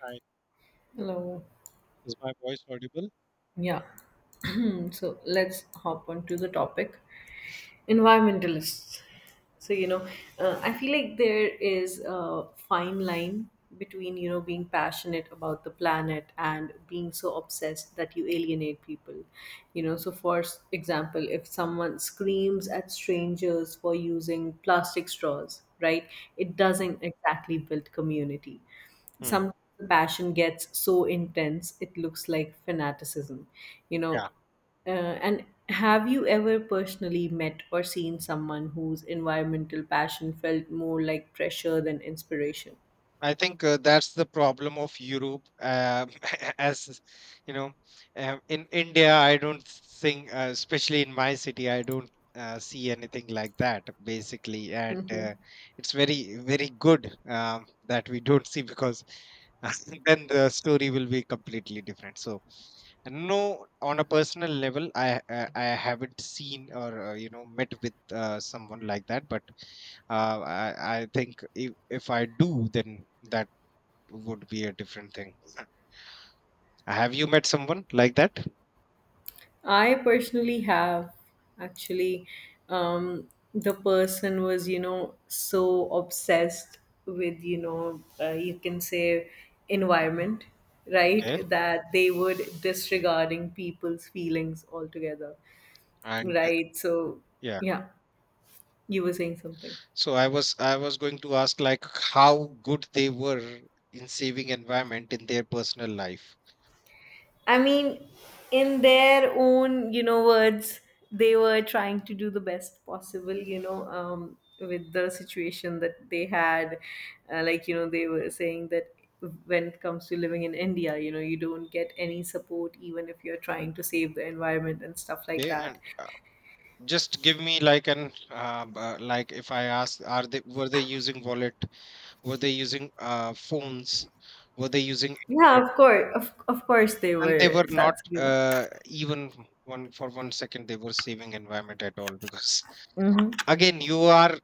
Hi. Hello. Is my voice audible? Yeah. So let's hop on to the topic environmentalists. So, you know, I feel like there is a fine line between, being passionate about the planet and being so obsessed that you alienate people. So for example, if someone screams at strangers for using plastic straws, right, it Hmm. doesn't exactly build community. Hmm. Sometimes the passion gets so intense it looks like fanaticism. you know Yeah, uh, and have you ever personally met or seen someone whose environmental passion felt more like pressure than inspiration? I think that's the problem of Europe. As you know, in India, I don't think, especially in my city, I don't see anything like that basically, and Mhm. It's very, very good that we don't see because then the story will be completely different. So no, on a personal level, I haven't seen or met with someone like that. But I think if I do, then that would be a different thing. Have you met someone like that? I personally have, actually. Um, the person was, so obsessed with, you can say environment, right? Okay, That they would disregarding people's feelings altogether, and right? So, yeah. yeah, you were saying something. So I was going to ask like how good they were in saving environment in their personal life. I mean, in their own, words, they were trying to do the best possible, with the situation that they had. They were saying that when it comes to living in India, you don't get any support even if you're trying to save the environment and stuff like Okay, that. and just give me like an like if I ask, are they, were they using wallet? Were they using phones? Were they using Yeah, internet? of course. Of course they And they were. were not That's a given. Even 1 second they were saving environment at all, because again you are,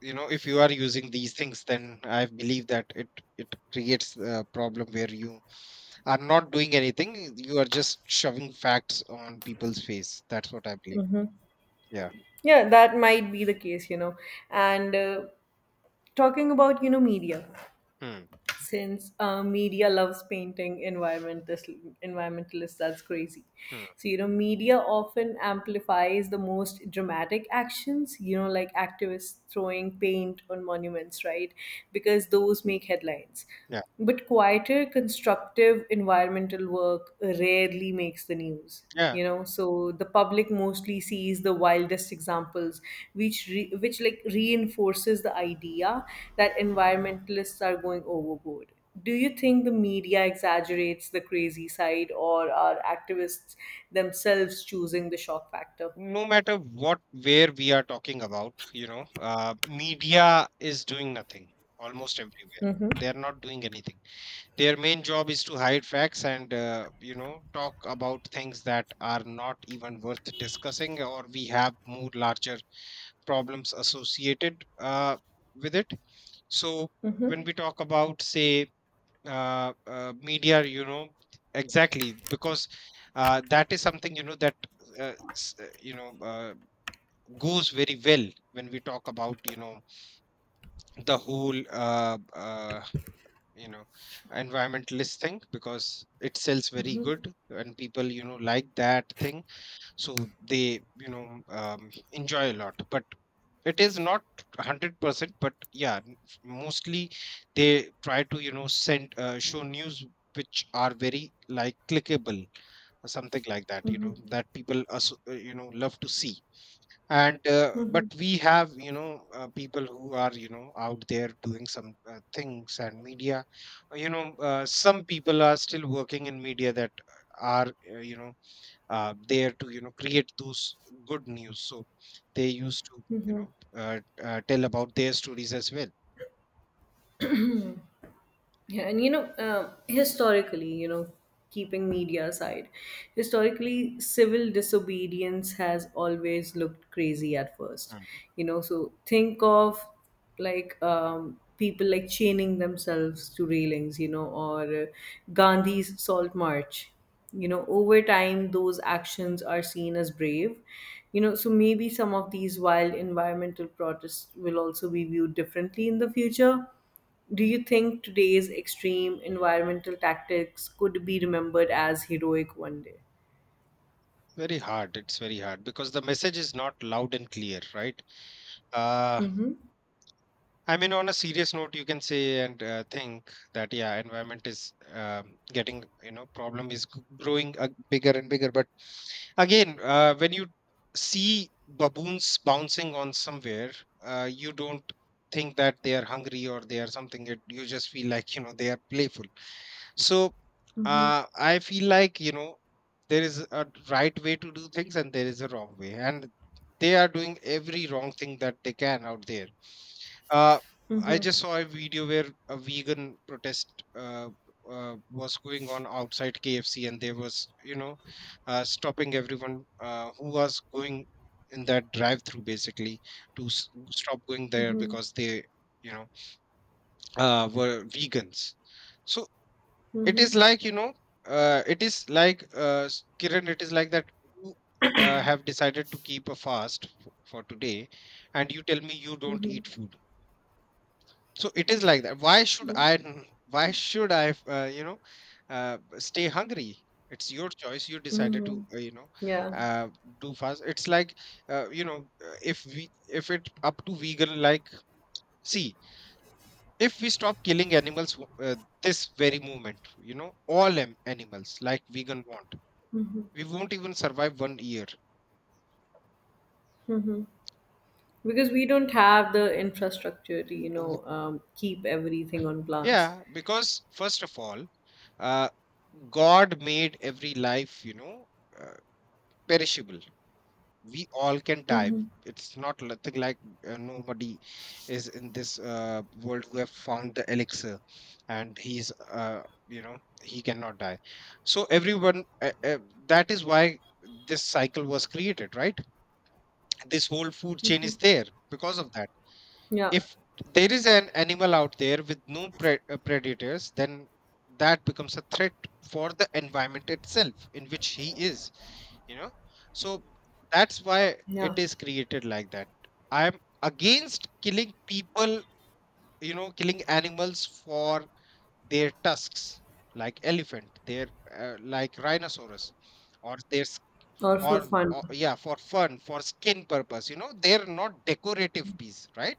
you know, if you are using these things then I believe that it creates a problem where you are not doing anything. You are just shoving facts on people's face. That's what I believe. Yeah. Yeah, that might be the case, you know. And talking about, media. Hmm. Since media loves painting environmentalists, that's crazy. Hmm. So, you know, media often amplifies the most dramatic actions, you know, like activists throwing paint on monuments, right, because those make headlines, Yeah, but quieter, constructive environmental work rarely makes the news. yeah, So the public mostly sees the wildest examples, which like reinforces the idea that environmentalists are going overboard. Do you think the media exaggerates the crazy side, or are activists themselves choosing the shock factor? no matter what, where we are talking about, you know, media is doing nothing almost everywhere. Mm-hmm. They are not doing anything. Their main job is to hide facts and, you know, talk about things that are not even worth discussing, or we have more larger problems associated with it. So when we talk about, say, media, you know, exactly, because that is something, you know, that uh, s- uh, you know uh, goes very well when we talk about, you know, the whole you know environmentalist thing, because it sells very good and people, you know, like that thing. So they, you know, enjoy a lot, but it is not 100%, but yeah, mostly they try to, you know, send show news which are very like clickable or something like that, you know, that people love to see. And but we have, you know, people who are, you know, out there doing some things. And media, some people are still working in media that are uh, you know there to, you know, create those good news. So they used to, you know, tell about their stories as well. Yeah, and historically, keeping media aside, historically, civil disobedience has always looked crazy at first. Mm. You know, so think of like people like chaining themselves to railings, or Gandhi's salt march. You know, over time, those actions are seen as brave. You know, so maybe some of these wild environmental protests will also be viewed differently in the future. Do you think today's extreme environmental tactics could be remembered as heroic one day? Very hard. It's very hard because the message is not loud and clear, right? uh Mhm. I mean, on a serious note, you can say and think that yeah, environment is getting, you know, problem is growing bigger and bigger. But again, when you see baboons bouncing on somewhere, you don't think that they are hungry or they are something. It, you just feel like, you know, they are playful. So Mhm. I feel like, you know, there is a right way to do things and there is a wrong way, and they are doing every wrong thing that they can out there. uh, I Mhm. just saw a video where a vegan protest was going on outside KFC, and there was, you know, stopping everyone who was going in that drive-through, basically, to stop going there Mhm. because they, you know, were vegans. So it is Mhm. like, you know, it is like, Kiran, it is like that you have decided to keep a fast for today, and you tell me you don't Mhm. eat food. So it is like that. Why should Yeah. I? Why should I? You know, stay hungry. It's your choice. You decided to, Mhm. you know, Yeah. uh, do fast. It's like, you know, if we, if it up to vegan, like, see, if we stop killing animals this very moment, you know, all animals like vegan want, Mhm. we won't even survive 1 year. Mhm. Because we don't have the infrastructure to, W- keep everything on plants. Yeah, because first of all, uh, God made every life, you know, uh, perishable. We all can die. Mm-hmm. It's not nothing like, like, nobody is in this world who have found the elixir, and he's uh, you know he cannot die. So everyone that is why this cycle was created, right? This whole food chain is there because of that. Yeah, If there is an animal out there with no predators, then that becomes a threat for the environment itself in which he is, you know. So that's why it yeah, is created like that. I'm against killing people, you know, killing animals for their tusks, like elephant, their like rhinoceros, or their all or, for fun. or yeah, for fun, for skin purpose, you know. They're not decorative piece, right?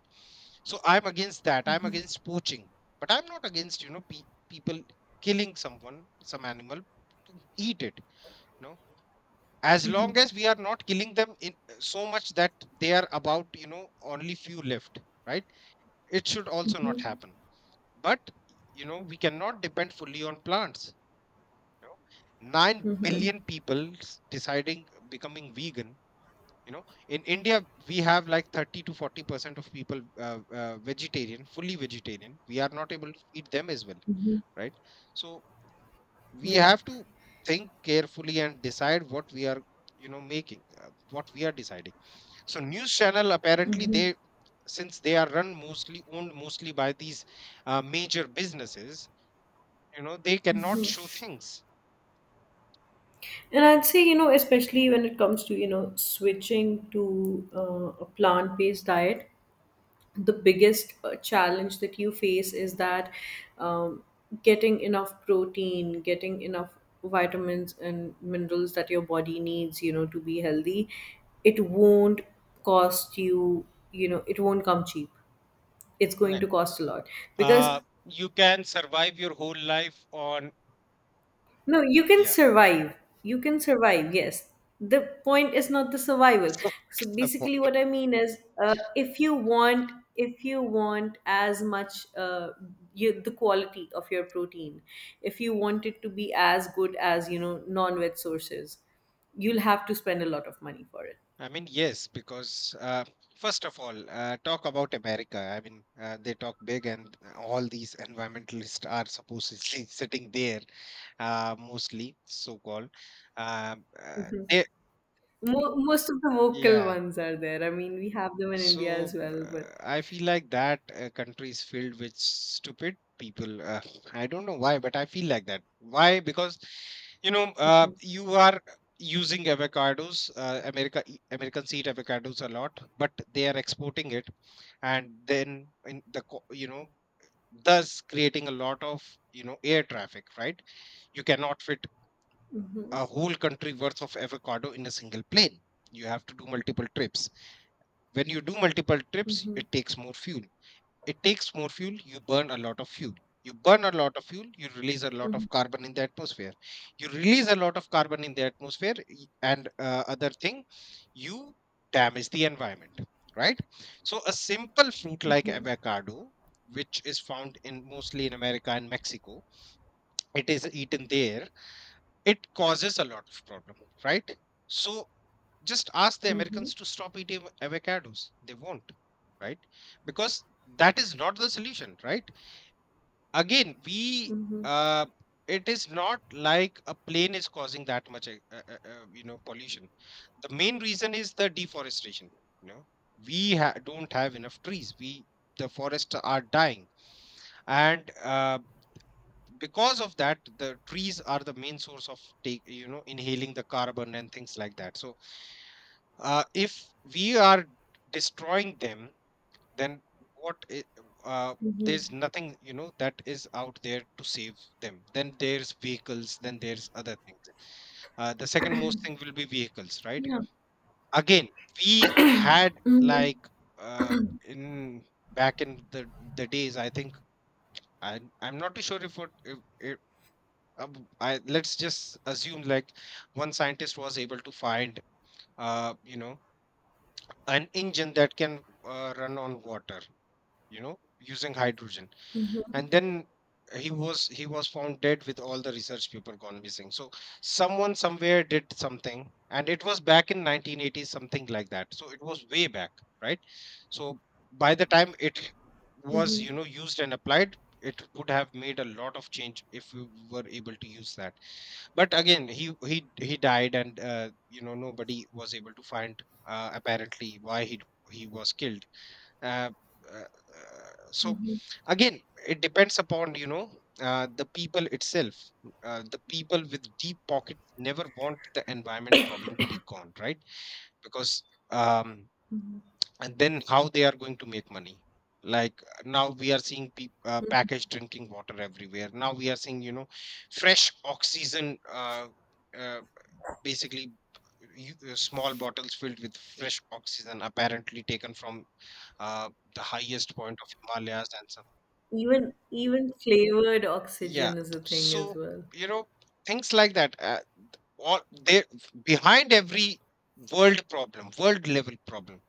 So I'm against that, I'm against poaching. But I'm not against, you know, people killing someone, some animal, to eat it. No, as long as we are not killing them in so much that they are about, you know, only few left, right? It should also not happen. But you know, we cannot depend fully on plants. You know, 9 billion people deciding becoming vegan. You know, in India we have like 30 to 40% of people, vegetarian, fully vegetarian, we are not able to feed them as well, Hmm. right? So we Yeah, have to think carefully and decide what we are, you know, making, what we are deciding. So news channel, apparently, they, since they are run mostly, owned mostly by these major businesses, you know, they cannot show things. and I'd say, you know, especially when it comes to, you know, switching to a plant-based diet, the biggest challenge that you face is that um, getting enough protein, getting enough vitamins and minerals that your body needs, you know, to be healthy, it won't cost you, you know, it won't come cheap. It's No. going to cost a lot because You can survive your whole life on, No, you can yeah. survive. You can survive, yes. The point is not the survival. So So for example, basically what I mean is, if you want, if you want as much you, the quality of your protein, if you want it to be as good as, you know, non-veg sources, you'll have to spend a lot of money for it. I mean, yes, because first of all, talk about America. I mean, they talk big, and all these environmentalists are supposedly sitting there, mostly, so called. They, Most of the local yeah. ones are there. I mean, we have them in India as So well, but I feel like that country is filled with stupid people. I don't know why, but I feel like that. Why? Because, you know, you are using avocados. America, Americans eat avocados a lot, but they are exporting it, and then in the you know, thus creating a lot of, you know, air traffic. Right? You cannot fit Mhm. a whole country worth of avocado in a single plane. You have to do multiple trips. When you do multiple trips, Mhm. it takes more fuel. It takes more fuel, you burn a lot of fuel. You burn a lot of fuel, you release a lot Mhm. of carbon in the atmosphere. You release a lot of carbon in the atmosphere, and other thing, you damage the environment, right? So a simple fruit like Mhm. avocado, which is found in mostly in America and Mexico, it is eaten there, it causes a lot of problem, right? So just ask the Mhm. Americans to stop eating avocados. They won't, right? Because that is not the solution, right? Again, we Mhm. uh, it is not like a plane is causing that much, you know, pollution. The main reason is the deforestation. You know, we don't have enough trees. We, the forests are dying, and because of that, the trees are the main source of take, you know, inhaling the carbon and things like that. So if we are destroying them, then what i- uh, Mhm. there's nothing, you know, that is out there to save them. Then there's vehicles, then there's other things. The second most thing will be vehicles, right? Yeah. Again, we had Mhm. like uh, in back in the days, I think, I'm not too sure if what if, I, let's just assume like one scientist was able to find uh, you know an engine that can run on water, you know, using hydrogen. And then he was found dead with all the research people gone missing. So someone somewhere did something, and it was back in 1980s, something like that. So it was way back, right? So by the time it was, Mhm. you know, used and applied, it would have made a lot of change if we were able to use that. But again, he died, and you know, nobody was able to find, apparently, why he was killed. uh, uh, so Mhm. again, it depends upon, you know, the people itself. The people with deep pockets never want the environment problem to be gone, right? Because um, and then how they are going to make money. Like, now we are seeing peop packaged drinking water everywhere. Now we are seeing, you know, fresh oxygen, uh, basically, you, small bottles filled with fresh oxygen, apparently taken from uh, the highest point of Himalayas and some, Even flavored yeah, oxygen is a thing so, as well. you know, things like that, all there. Behind every world problem, world level problem,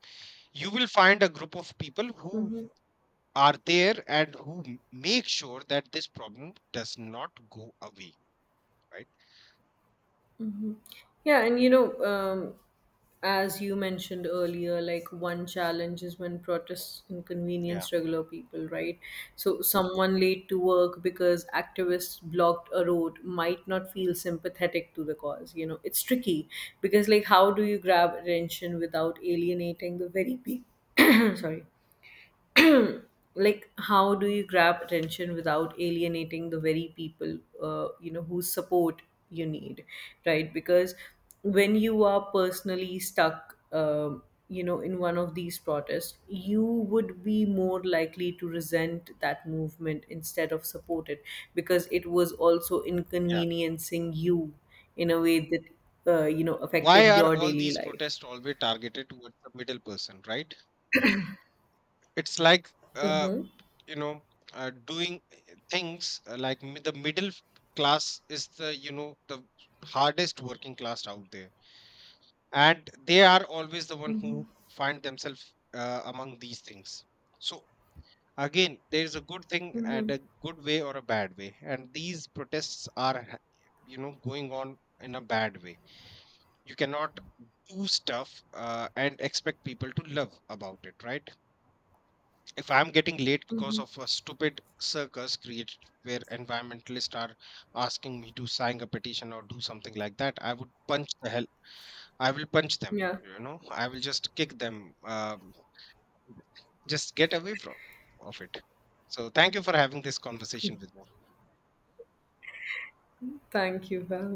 you will find a group of people who Mhm. are there and who make sure that this problem does not go away, right? Yeah, and as you mentioned earlier, like one challenge is when protests Yeah, inconvenience regular people, right? So someone late to work because activists blocked a road might not feel sympathetic to the cause. You know, it's tricky because like how do you grab attention without alienating the very people? sorry, like how do you grab attention without alienating the very people, you know, whose support you need, right, because when you are personally stuck, you know, in one of these protests you would be more likely to resent that movement instead of support it, because it was also yeah, inconveniencing you in a way that you know why affected are your all daily these life. protests always targeted towards the middle person, right? It's like, uh, Mm-hmm. you know uh, doing things like, the middle class is the, you know, the hardest working class out there, and they are always the one Mm-hmm. who find themselves among these things. So again, there is a good thing Mm-hmm. and a good way or a bad way, and these protests are you know, going on in a bad way. You cannot do stuff and expect people to love about it, right? If I'm getting late because Mm-hmm. of a stupid circus created where environmentalists are asking me to sign a petition or do something like that, I would punch the hell. I will punch them. Yeah, You know, I will just kick them. Just get away from of it. So thank you for having this conversation with me. thank you for having